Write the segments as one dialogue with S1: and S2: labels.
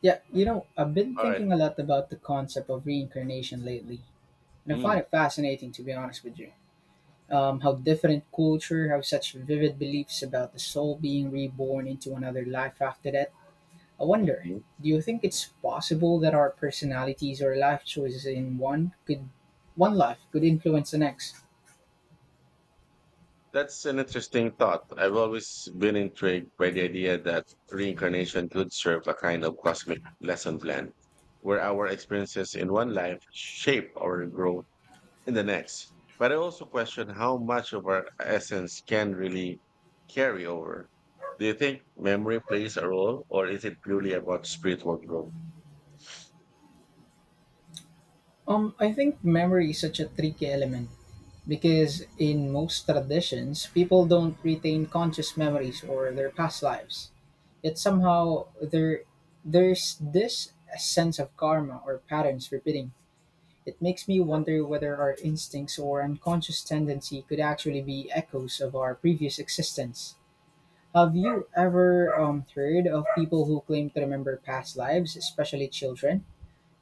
S1: Yeah, you know, I've been
S2: All right.
S1: thinking a lot about the concept of reincarnation lately, and I
S2: Mm,
S1: find it fascinating to be honest with you. How different cultures have such vivid beliefs about the soul being reborn into another life after that. I wonder,
S2: mhm.
S1: do you think it's possible that our personalities or life choices in one could one life could influence the next?
S2: That's an interesting thought. I've always been intrigued by the idea that reincarnation could serve a kind of cosmic lesson plan, where our experiences in one life shape our growth in the next. But I also question how much of our essence can really carry over. Do you think memory plays a role, or is it purely about spiritual growth?
S1: I think memory is such a tricky element because in most traditions, people don't retain conscious memories or their past lives. Yet somehow there's this sense of karma or patterns repeating. It makes me wonder whether our instincts or unconscious tendency could actually be echoes of our previous existence. Have you ever heard of people who claim to remember past lives, especially children?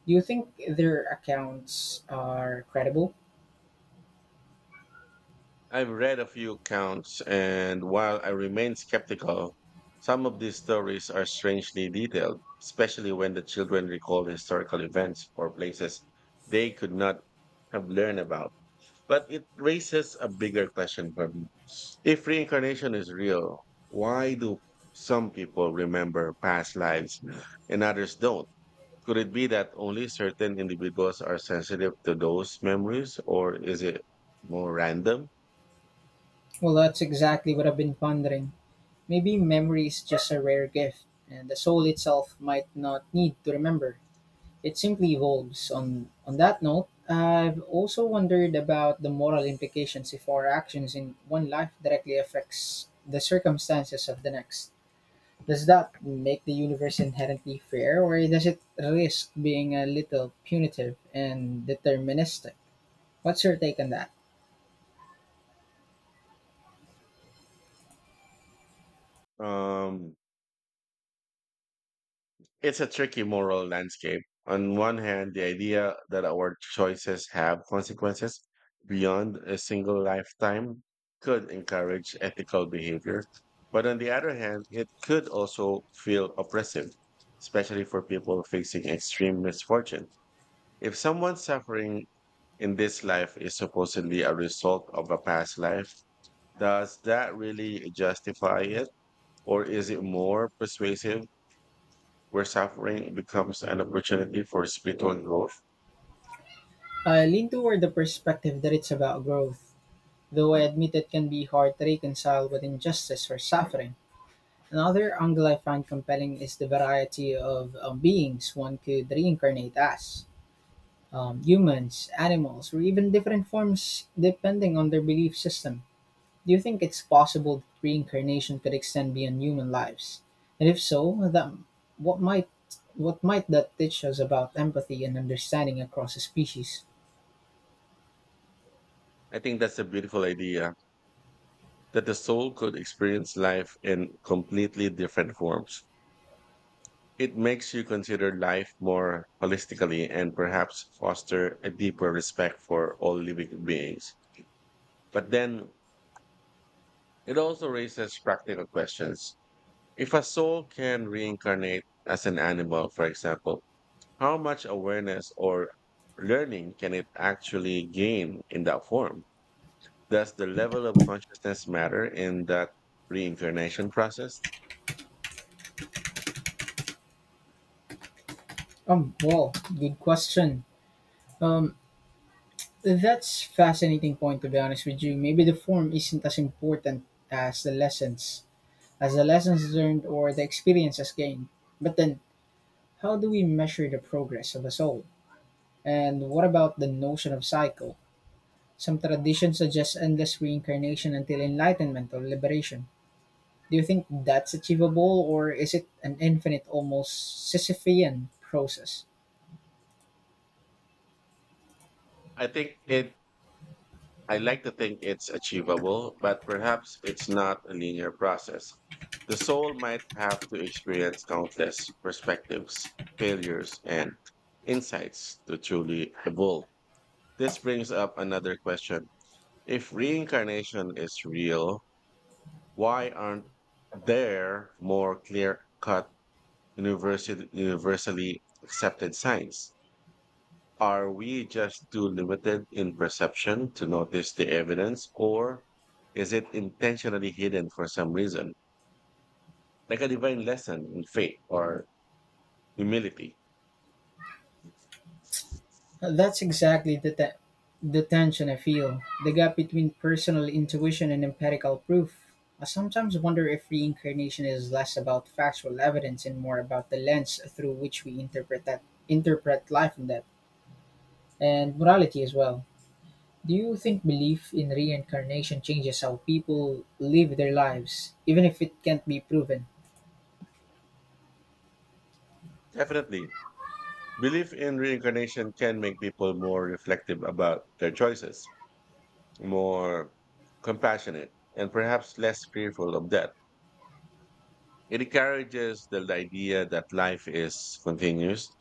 S1: Do you think their accounts are credible?
S2: I've read a few accounts, and while I remain skeptical, some of these stories are strangely detailed, especially when the children recall historical events or places they could not have learned about. But it raises a bigger question for me. If reincarnation is real, why do some people remember past lives and others don't? Could it be that only certain individuals are sensitive to those memories, or is it more random?
S1: Well, that's exactly what I've been pondering. Maybe memory is just a rare gift, and the soul itself might not need to remember. It simply evolves. On that note, I've also wondered about the moral implications if our actions in one life directly affects the circumstances of the next. Does that make the universe inherently fair, or does it risk being a little punitive and deterministic? What's your take on that?
S2: Um, it's a tricky moral landscape. On one hand, the idea that our choices have consequences beyond a single lifetime could encourage ethical behavior. But on the other hand, it could also feel oppressive, especially for people facing extreme misfortune. If someone suffering in this life is supposedly a result of a past life, does that really justify it? Or is it more persuasive where suffering becomes an opportunity for spiritual growth?
S1: I lean toward the perspective that it's about growth, though I admit it can be hard to reconcile with injustice or suffering. Another angle I find compelling is the variety of beings one could reincarnate as humans, animals, or even different forms depending on their belief system. Do you think it's possible that reincarnation could extend beyond human lives? And if so, what might what might that teach us about empathy and understanding across species?
S2: I think that's a beautiful idea, that the soul could experience life in completely different forms. It makes you consider life more holistically and perhaps foster a deeper respect for all living beings. But then it also raises practical questions. If a soul can reincarnate as an animal, for example, how much awareness or learning can it actually gain in that form? Does the level of consciousness matter in that reincarnation process?
S1: Um, well, Good question. Um, that's fascinating point to be honest with you. Maybe the form isn't as important as the lessons learned or the experiences gained. But then, how do we measure the progress of a soul? And what about the notion of cycle? Some traditions suggest endless reincarnation until enlightenment or liberation. Do you think that's achievable, or is it an infinite, almost Sisyphean process?
S2: I think it, I like to think it's achievable, but perhaps it's not a linear process. The soul might have to experience countless perspectives, failures, and insights to truly evolve. This brings up another question. If reincarnation is real, why aren't there more clear cut, universally accepted signs? Are we just too limited in perception to notice the evidence, or is it intentionally hidden for some reason, like a divine lesson in faith or humility?
S1: That's exactly the, te- The tension I feel the gap between personal intuition and empirical proof. I sometimes wonder if reincarnation is less about factual evidence and more about the lens through which we interpret that interpret life and death and morality as well. Do you think belief in reincarnation changes how people live their lives, even if it can't be proven?
S2: Definitely. Belief in reincarnation can make people more reflective about their choices, more compassionate, and perhaps less fearful of death. It encourages the idea that life is continuous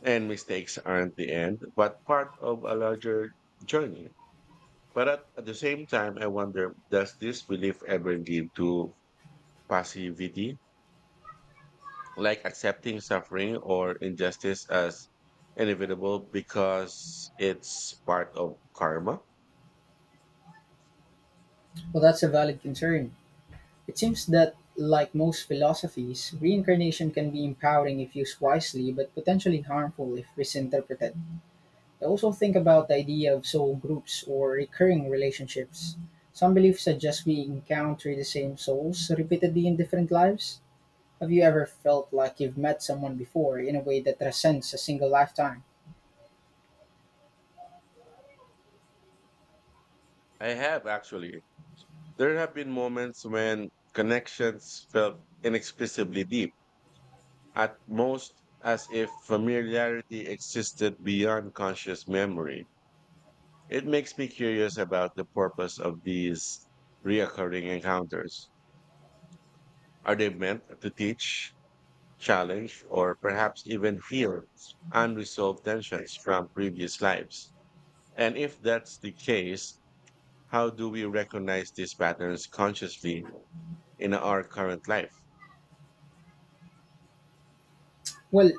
S2: and mistakes aren't the end, but part of a larger journey. But at the same time, I wonder, does this belief ever lead to passivity, like accepting suffering or injustice as inevitable because it's part of karma?
S1: Well, that's a valid concern. It seems that, like most philosophies, reincarnation can be empowering if used wisely, but potentially harmful if misinterpreted. I also think about the idea of soul groups or recurring relationships. Some beliefs suggest we encounter the same souls repeatedly in different lives. Have you ever felt like you've met someone before in a way that transcends a single lifetime?
S2: I have actually. There have been moments when connections felt inexplicably deep, at most as if familiarity existed beyond conscious memory. It makes me curious about the purpose of these reoccurring encounters. Are they meant to teach, challenge, or perhaps even heal unresolved tensions from previous lives? And if that's the case, how do we recognize these patterns consciously in our current life?
S1: Well,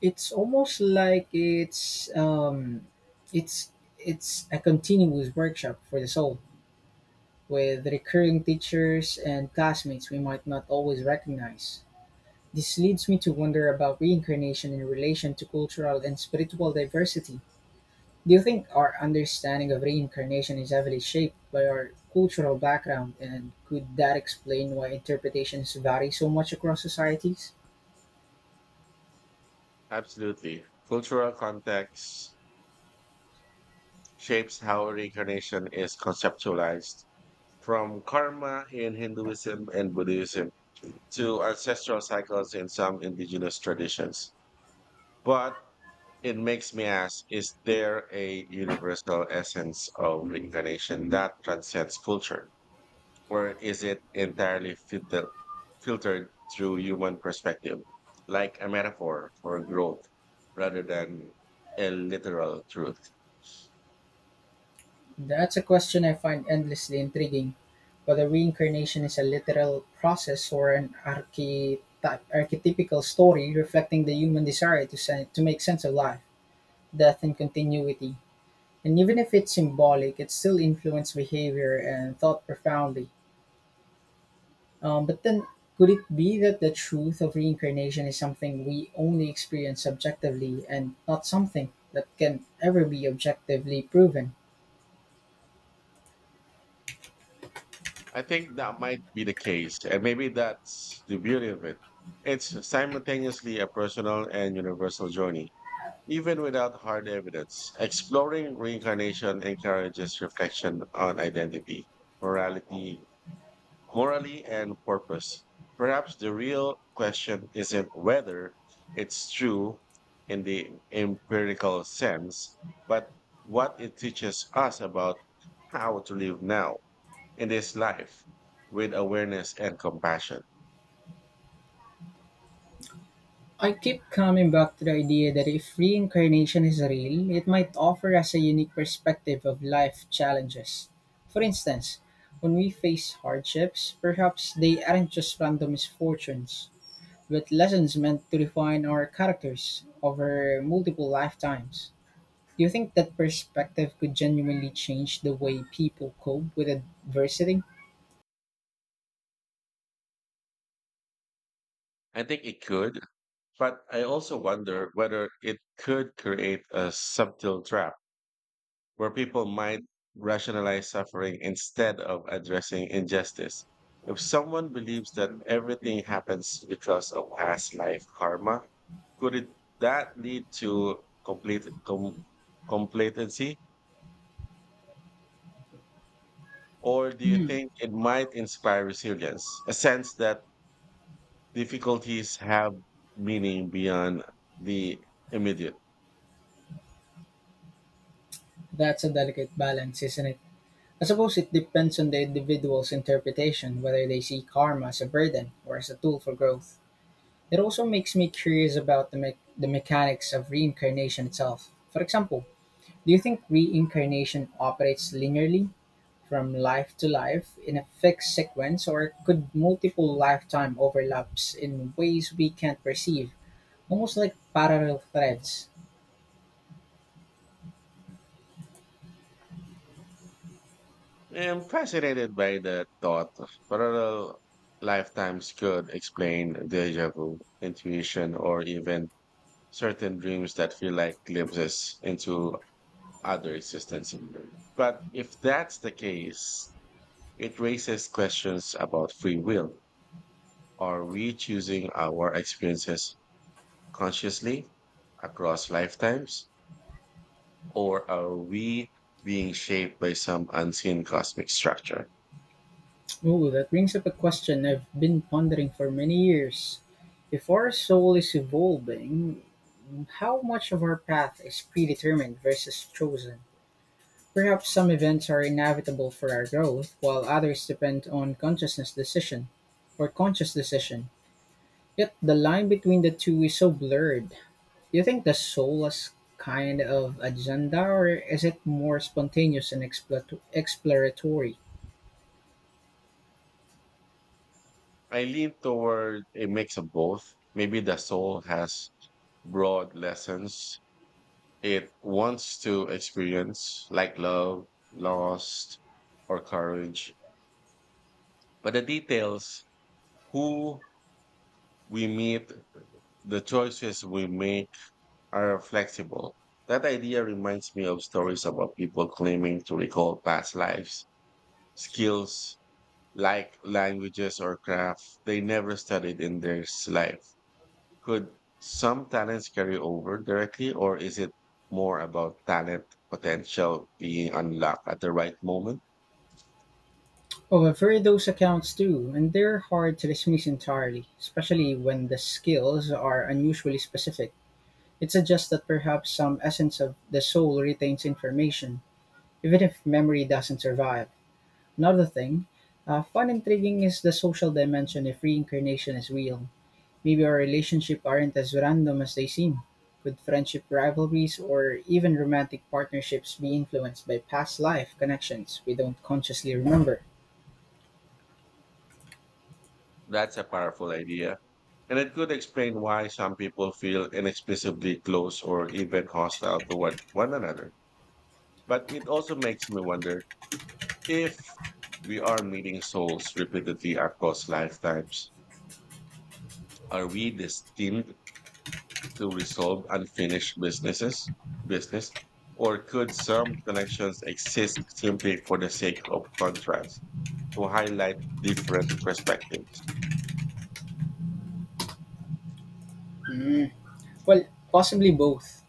S1: it's almost like it's it's a continuous workshop for the soul, with recurring teachers and classmates we might not always recognize. This leads me to wonder about reincarnation in relation to cultural and spiritual diversity. Do you think our understanding of reincarnation is heavily shaped by our cultural background, and could that explain why interpretations vary so much across societies?
S2: Absolutely. Cultural context shapes how reincarnation is conceptualized, from karma in Hinduism and Buddhism to ancestral cycles in some indigenous traditions. But it makes me ask, is there a universal essence of reincarnation that transcends culture, or is it entirely filtered through human perspective, like a metaphor for growth rather than a literal truth?
S1: That's a question I find endlessly intriguing, whether reincarnation is a literal process or an archetypical story reflecting the human desire to make sense of life, death, and continuity. And even if it's symbolic, it still influences behavior and thought profoundly. But then, could it be that the truth of reincarnation is something we only experience subjectively and not something that can ever be objectively proven?
S2: I think that might be the case, and maybe that's the beauty of it. It's simultaneously a personal and universal journey. Even without hard evidence, exploring reincarnation encourages reflection on identity, morality, morally, and purpose. Perhaps the real question isn't whether it's true in the empirical sense, but what it teaches us about how to live now in this life with awareness and compassion.
S1: I keep coming back to the idea that if reincarnation is real, it might offer us a unique perspective of life challenges. For instance, when we face hardships, perhaps they aren't just random misfortunes, but lessons meant to refine our characters over multiple lifetimes. Do you think that perspective could genuinely change the way people cope with adversity?
S2: I think it could, but I also wonder whether it could create a subtle trap where people might rationalize suffering instead of addressing injustice. If someone believes that everything happens because of past life karma, could it, that lead to complete com, complacency? Or do you
S1: Hmm,
S2: think it might inspire resilience, a sense that difficulties have meaning beyond the immediate?
S1: that's a delicate balance, isn't it? I suppose it depends on the individual's interpretation whether they see karma as a burden or as a tool for growth. It also makes me curious about the mechanics of reincarnation itself. For example, do you think reincarnation operates linearly from life to life in a fixed sequence, or could multiple lifetime overlaps in ways we can't perceive, almost like parallel threads?
S2: I'm fascinated by the thought of parallel lifetimes. Could explain deja vu, intuition, or even certain dreams that feel like glimpses into other existence. But if that's the case, it raises questions about free will. Are we choosing our experiences consciously across lifetimes, or are we being shaped by some unseen cosmic structure?
S1: Ooh, that brings up a question I've been pondering for many years. If our soul is evolving, how much of our path is predetermined versus chosen? Perhaps some events are inevitable for our growth, while others depend on conscious decision. Yet the line between the two is so blurred. Do you think the soul has kind of agenda, or is it more spontaneous and exploratory?
S2: I lean toward a mix of both. Maybe the soul has broad lessons it wants to experience, like love, loss, or courage. But the details, who we meet, the choices we make, are flexible. That idea reminds me of stories about people claiming to recall past lives, skills like languages or craft they never studied in their s- life. Could some talents carry over directly, or is it more about talent potential being unlocked at the right moment?
S1: However, those accounts too, and they're hard to dismiss entirely, especially when the skills are unusually specific. It suggests that perhaps some essence of the soul retains information, even if memory doesn't survive. Another thing, fun and intriguing is the social dimension if reincarnation is real. Maybe our relationships aren't as random as they seem. Could friendship rivalries or even romantic partnerships be influenced by past life connections we don't consciously remember?
S2: That's a powerful idea. And it could explain why some people feel inexplicably close or even hostile to one another. But it also makes me wonder, if we are meeting souls repeatedly across lifetimes, are we destined to resolve unfinished business, or could some connections exist simply for the sake of contrast, to highlight different perspectives?
S1: Hmm. Well, possibly both.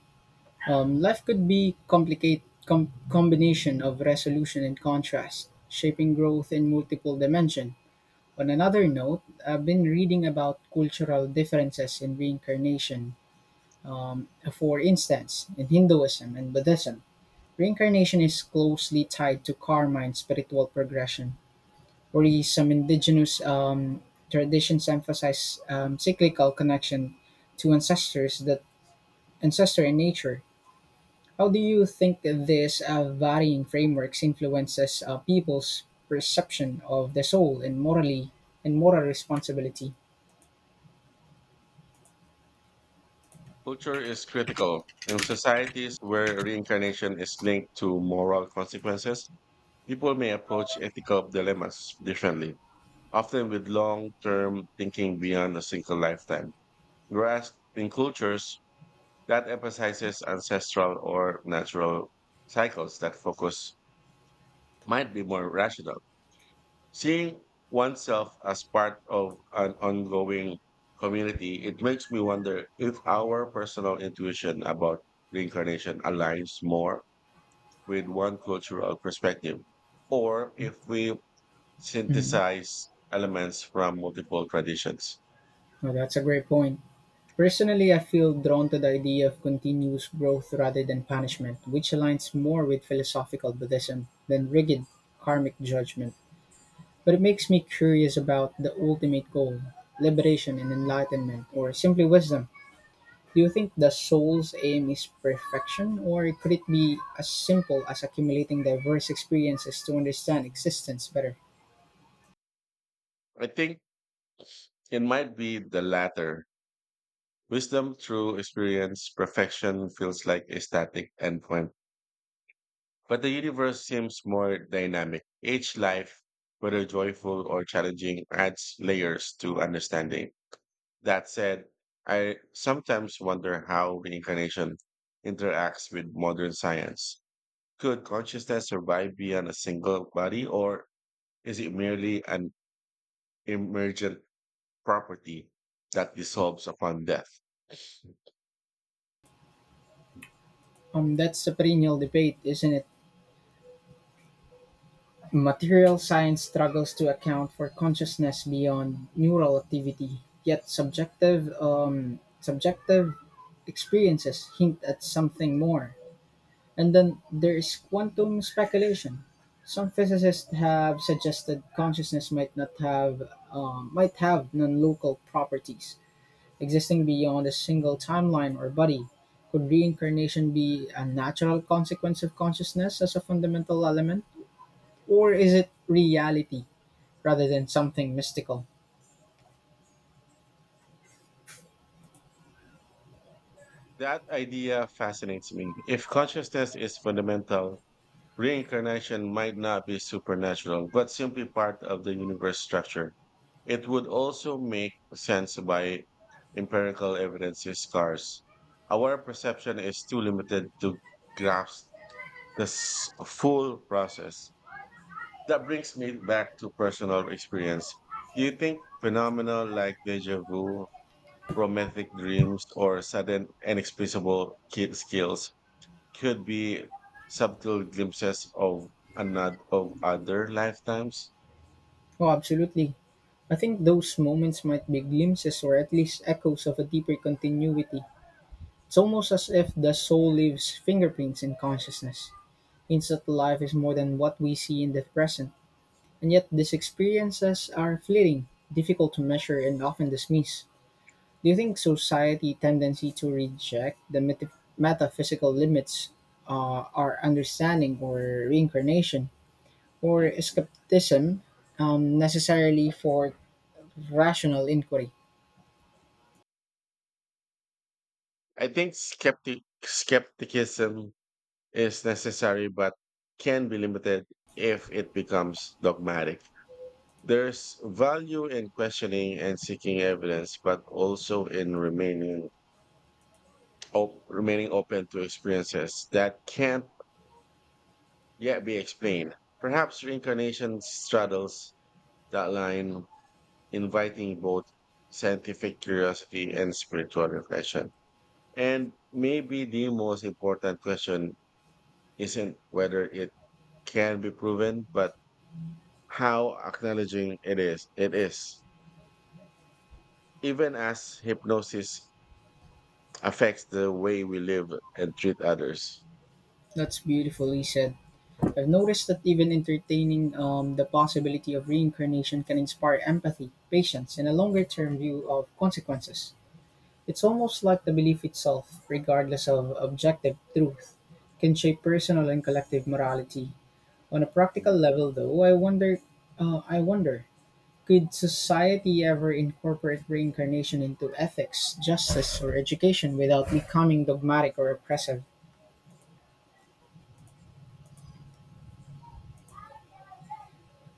S1: Life could be combination of resolution and contrast, shaping growth in multiple dimension. On another note, I've been reading about cultural differences in reincarnation. For instance, in Hinduism and Buddhism, reincarnation is closely tied to karma and spiritual progression, whereas some indigenous traditions emphasize cyclical connection to ancestor in nature. How do you think this varying frameworks influences people's perception of the soul and moral responsibility?
S2: Culture is critical. In societies where reincarnation is linked to moral consequences, people may approach ethical dilemmas differently, often with long-term thinking beyond a single lifetime, whereas in cultures that emphasizes ancestral or natural cycles, that focus might be more rational. Seeing oneself as part of an ongoing community, it makes me wonder if our personal intuition about reincarnation aligns more with one cultural perspective, or if we
S1: Mhm.
S2: synthesize elements from multiple traditions.
S1: Well, that's a great point. Personally, I feel drawn to the idea of continuous growth rather than punishment, which aligns more with philosophical Buddhism than rigid karmic judgment. But it makes me curious about the ultimate goal, liberation and enlightenment, or simply wisdom. Do you think the soul's aim is perfection, or could it be as simple as accumulating diverse experiences to understand existence better?
S2: I think it might be the latter. Wisdom through experience. Perfection feels like a static endpoint, but the universe seems more dynamic. Each life, whether joyful or challenging, adds layers to understanding. That said, I sometimes wonder how reincarnation interacts with modern science. Could consciousness survive beyond a single body, or is it merely an emergent property that dissolves upon death? Mm.
S1: That's a perennial debate, isn't it? Material science struggles to account for consciousness beyond neural activity, yet subjective experiences hint at something more. And then there is quantum speculation. Some physicists have suggested consciousness might not have might have non-local properties existing beyond a single timeline or body. Could reincarnation be a natural consequence of consciousness as a fundamental element, or is it reality rather than something mystical?
S2: That idea fascinates me. If consciousness is fundamental, reincarnation might not be supernatural, but simply part of the universe structure. It would also make sense by empirical evidence is scarce. Our perception is too limited to grasp this full process. That brings me back to personal experience. Do you think phenomena like deja vu, romantic dreams, or sudden and inexplicable skills could be subtle glimpses of another of other lifetimes?
S1: Oh, absolutely. I think those moments might be glimpses or at least echoes of a deeper continuity. It's almost as if the soul leaves fingerprints in consciousness, hints that life is more than what we see in the present. And yet, these experiences are fleeting, difficult to measure, and often dismissed. Do you think society tendency to reject the metaphysical limits our understanding or reincarnation,
S2: Yeah.
S1: or skepticism necessarily for rational inquiry?
S2: I think skepticism is necessary, but can be limited if it becomes dogmatic. There's value in questioning and seeking evidence, but also in remaining remaining open to experiences that can't yet be explained. Perhaps reincarnation straddles that line, inviting both scientific curiosity and spiritual reflection. And maybe the most important question isn't whether it can be proven, but how acknowledging it is. It is. Even as hypnosis affects the way we live and treat others.
S1: That's beautifully said. I've noticed that even entertaining the possibility of reincarnation can inspire empathy, patience, and a longer term view of consequences. It's almost like the belief itself, regardless of objective truth, can shape personal and collective morality. On a practical level, though, I wonder, could society ever incorporate reincarnation into ethics, justice, or education without becoming dogmatic or oppressive?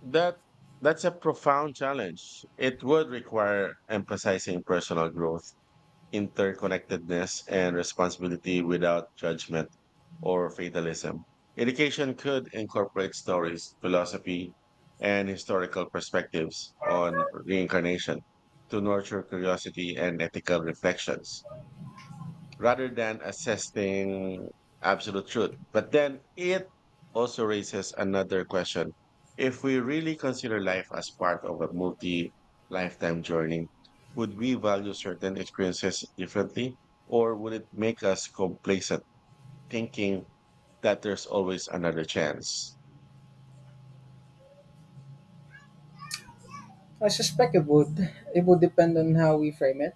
S2: That, that's a profound challenge. It would require emphasizing personal growth, interconnectedness, and responsibility without judgment or fatalism. Education could incorporate stories, philosophy, and historical perspectives on reincarnation to nurture curiosity and ethical reflections rather than assessing absolute truth. But then it also raises another question. If we really consider life as part of a multi lifetime journey, would we value certain experiences differently? Or would it make us complacent, thinking that there's always another chance?
S1: I suspect it would. It would depend on how we frame it.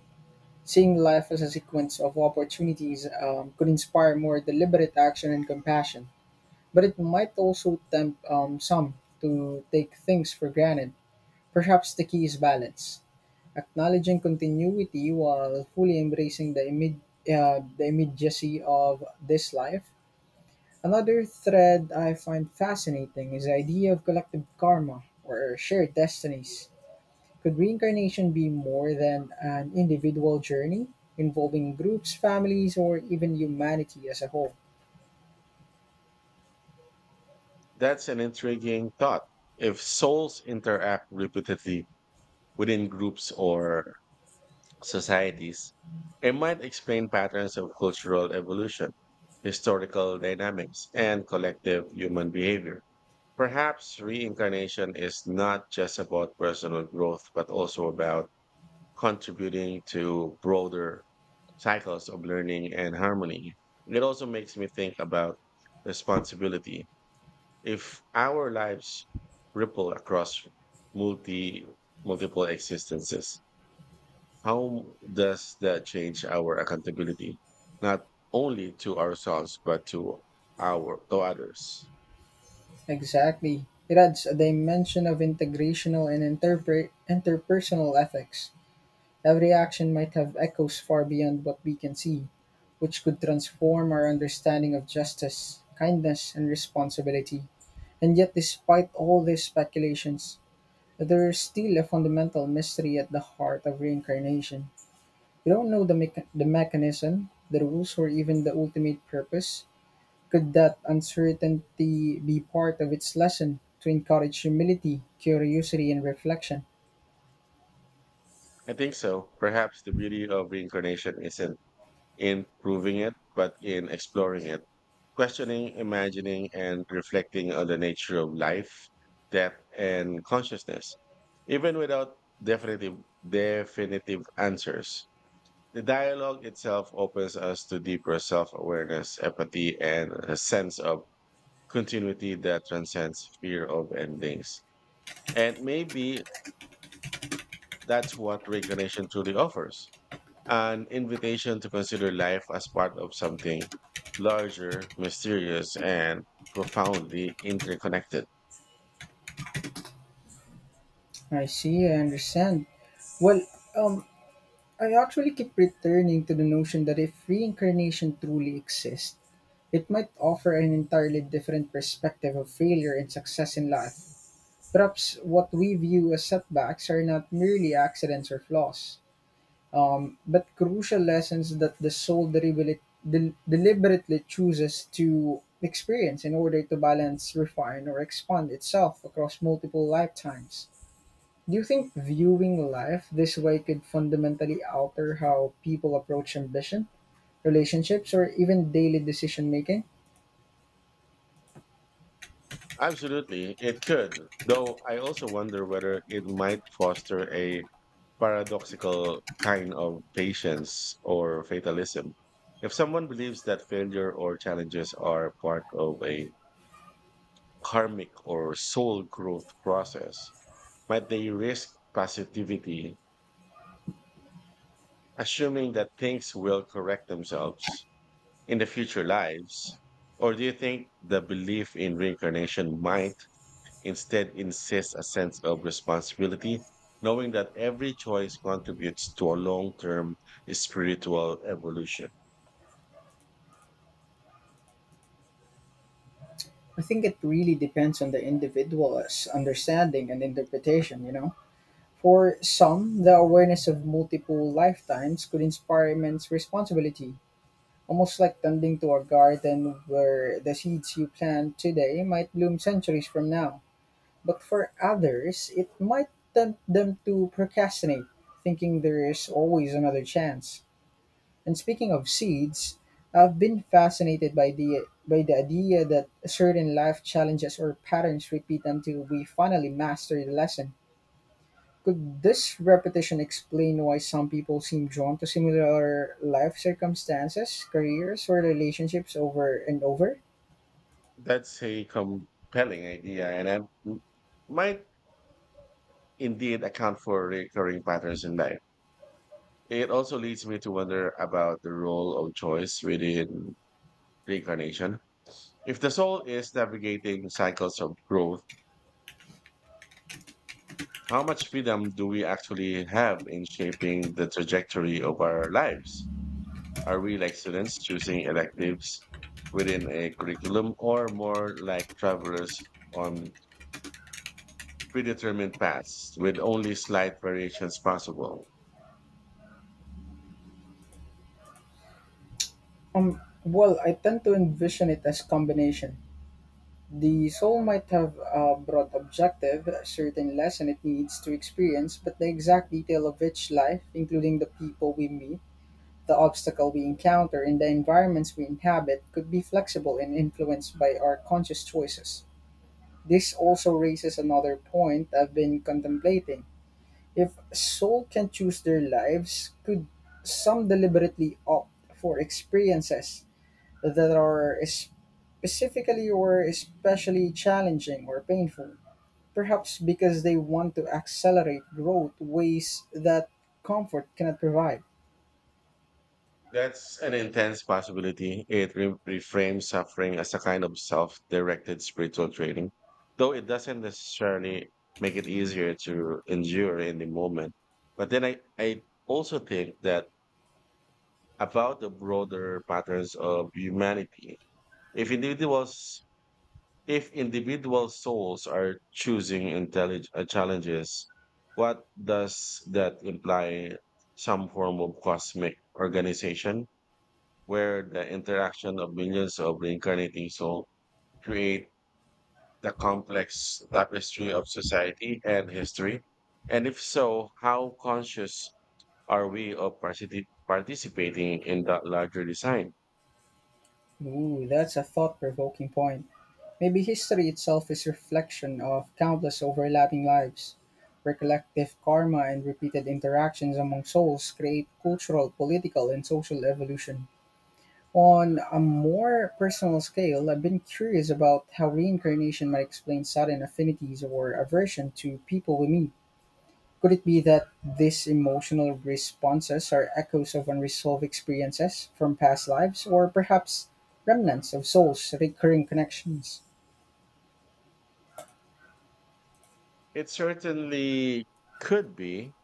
S1: Seeing life as a sequence of opportunities could inspire more deliberate action and compassion, but it might also tempt some to take things for granted. Perhaps the key is balance, acknowledging continuity while fully embracing the immediacy of this life. Another thread I find fascinating is the idea of collective karma or shared destinies, could reincarnation be more than an individual journey, involving groups, families, or even humanity as a whole?
S2: That's an intriguing thought. If souls interact repeatedly within groups or societies, it might explain patterns of cultural evolution, historical dynamics, and collective human behavior. Perhaps reincarnation is not just about personal growth, but also about contributing to broader cycles of learning and harmony. It also makes me think about responsibility. If our lives ripple across multi multiple existences, how does that change our accountability, not only to ourselves, but to our to others?
S1: Exactly. It adds a dimension of integrational and interpersonal ethics. Every action might have echoes far beyond what we can see, which could transform our understanding of justice, kindness, and responsibility. And yet, despite all these speculations, there is still a fundamental mystery at the heart of reincarnation. You don't know the mechanism, the rules, or even the ultimate purpose. Could that uncertainty be part of its lesson to encourage humility, curiosity, and reflection?
S2: I think so. Perhaps the beauty of reincarnation isn't in proving it, but in exploring it, questioning, imagining, and reflecting on the nature of life, death, and consciousness. Even without definitive answers, the dialogue itself opens us to deeper self awareness, empathy, and a sense of continuity that transcends fear of endings. And maybe that's what reincarnation truly offers, an invitation to consider life as part of something larger, mysterious, and profoundly interconnected.
S1: I see, I understand. Well, um, I actually keep returning to the notion that if reincarnation truly exists, it might offer an entirely different perspective of failure and success in life. Perhaps what we view as setbacks are not merely accidents or flaws, but crucial lessons that the soul deliberately chooses to experience in order to balance, refine, or expand itself across multiple lifetimes. Do you think viewing life this way could fundamentally alter how people approach ambition, relationships, or even daily decision making?
S2: Absolutely, it could, though I also wonder whether it might foster a paradoxical kind of patience or fatalism. If someone believes that failure or challenges are part of a karmic or soul growth process, but they risk positivity, assuming that things will correct themselves in the future lives? Or do you think the belief in reincarnation might instead insist a sense of responsibility, knowing that every choice contributes to a long term spiritual evolution?
S1: I think it really depends on the individual's understanding and interpretation, you know? For some, the awareness of multiple lifetimes could inspire immense responsibility. Almost like tending to a garden where the seeds you plant today might bloom centuries from now. But for others, it might tempt them to procrastinate, thinking there is always another chance. And speaking of seeds, I've been fascinated by the idea that certain life challenges or patterns repeat until we finally master the lesson. Could this repetition explain why some people seem drawn to similar life circumstances, careers, or relationships over and over?
S2: That's a compelling idea, and I might indeed account for recurring patterns in life. It also leads me to wonder about the role of choice within reincarnation. If the soul is navigating cycles of growth, how much freedom do we actually have in shaping the trajectory of our lives? Are we like students choosing electives within a curriculum, or more like travelers on predetermined paths with only slight variations possible?
S1: I tend to envision it as combination. The soul might have a broad objective, a certain lesson it needs to experience, but the exact detail of each life, including the people we meet, the obstacle we encounter, and the environments we inhabit, could be flexible and influenced by our conscious choices. This also raises another point I've been contemplating. If soul can choose their lives, could some deliberately opt for experiences that are specifically or especially challenging or painful? Perhaps because they want to accelerate growth ways that comfort cannot provide.
S2: That's an intense possibility. It reframes suffering as a kind of self directed spiritual training, though it doesn't necessarily make it easier to endure in the moment. But then I also think that about the broader patterns of humanity. If individuals if individual souls are choosing challenges, what does that imply? Some form of cosmic organization where the interaction of millions of reincarnating souls create the complex tapestry of society and history? And if so, how conscious are we of participating in that larger design?
S1: Ooh, that's a thought-provoking point. Maybe history itself is reflection of countless overlapping lives. Recollective karma and repeated interactions among souls create cultural, political, and social evolution. On a more personal scale, I've been curious about how reincarnation might explain sudden affinities or aversion to people we meet. Could it be that these emotional responses are echoes of unresolved experiences from past lives, or perhaps remnants of souls' recurring connections?
S2: It certainly could be.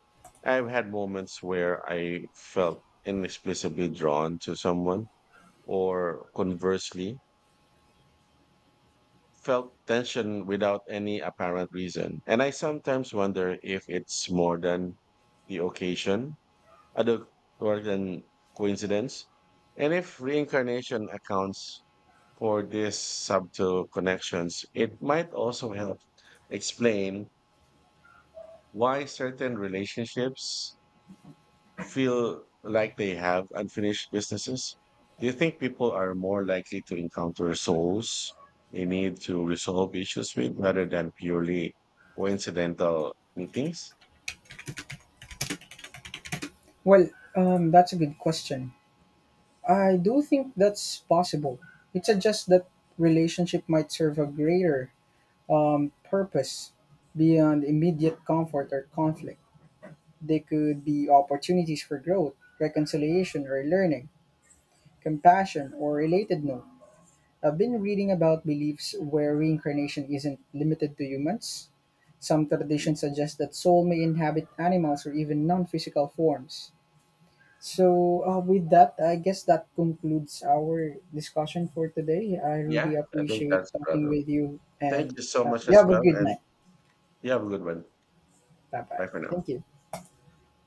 S2: I've had moments where I felt inexplicably drawn to someone, or conversely, felt tension without any apparent reason. And I sometimes wonder if it's more than the occasion, other or than coincidence, and if reincarnation accounts for these subtle connections, it might also help explain why certain relationships feel like they have unfinished businesses. Do you think people are more likely to encounter souls they need to resolve issues with rather than purely coincidental meetings?
S1: Well, that's a good question. I do think that's possible. It suggests that relationship might serve a greater purpose beyond immediate comfort or conflict. They could be opportunities for growth, reconciliation, or learning, compassion, or relatedness. I've been reading about beliefs where reincarnation isn't limited to humans. Some traditions suggest that soul may inhabit animals or even non physical forms. So, with that, I guess that concludes our discussion for today. I
S2: Yeah,
S1: really
S2: I think
S1: appreciate
S2: that's
S1: talking
S2: rather.
S1: with you,
S2: Thank
S1: and
S2: you so much
S1: you
S2: as
S1: have a
S2: well.
S1: good
S2: And
S1: night.
S2: you have a good one.
S1: Bye
S2: Bye
S1: bye.
S2: for now.
S1: Thank you.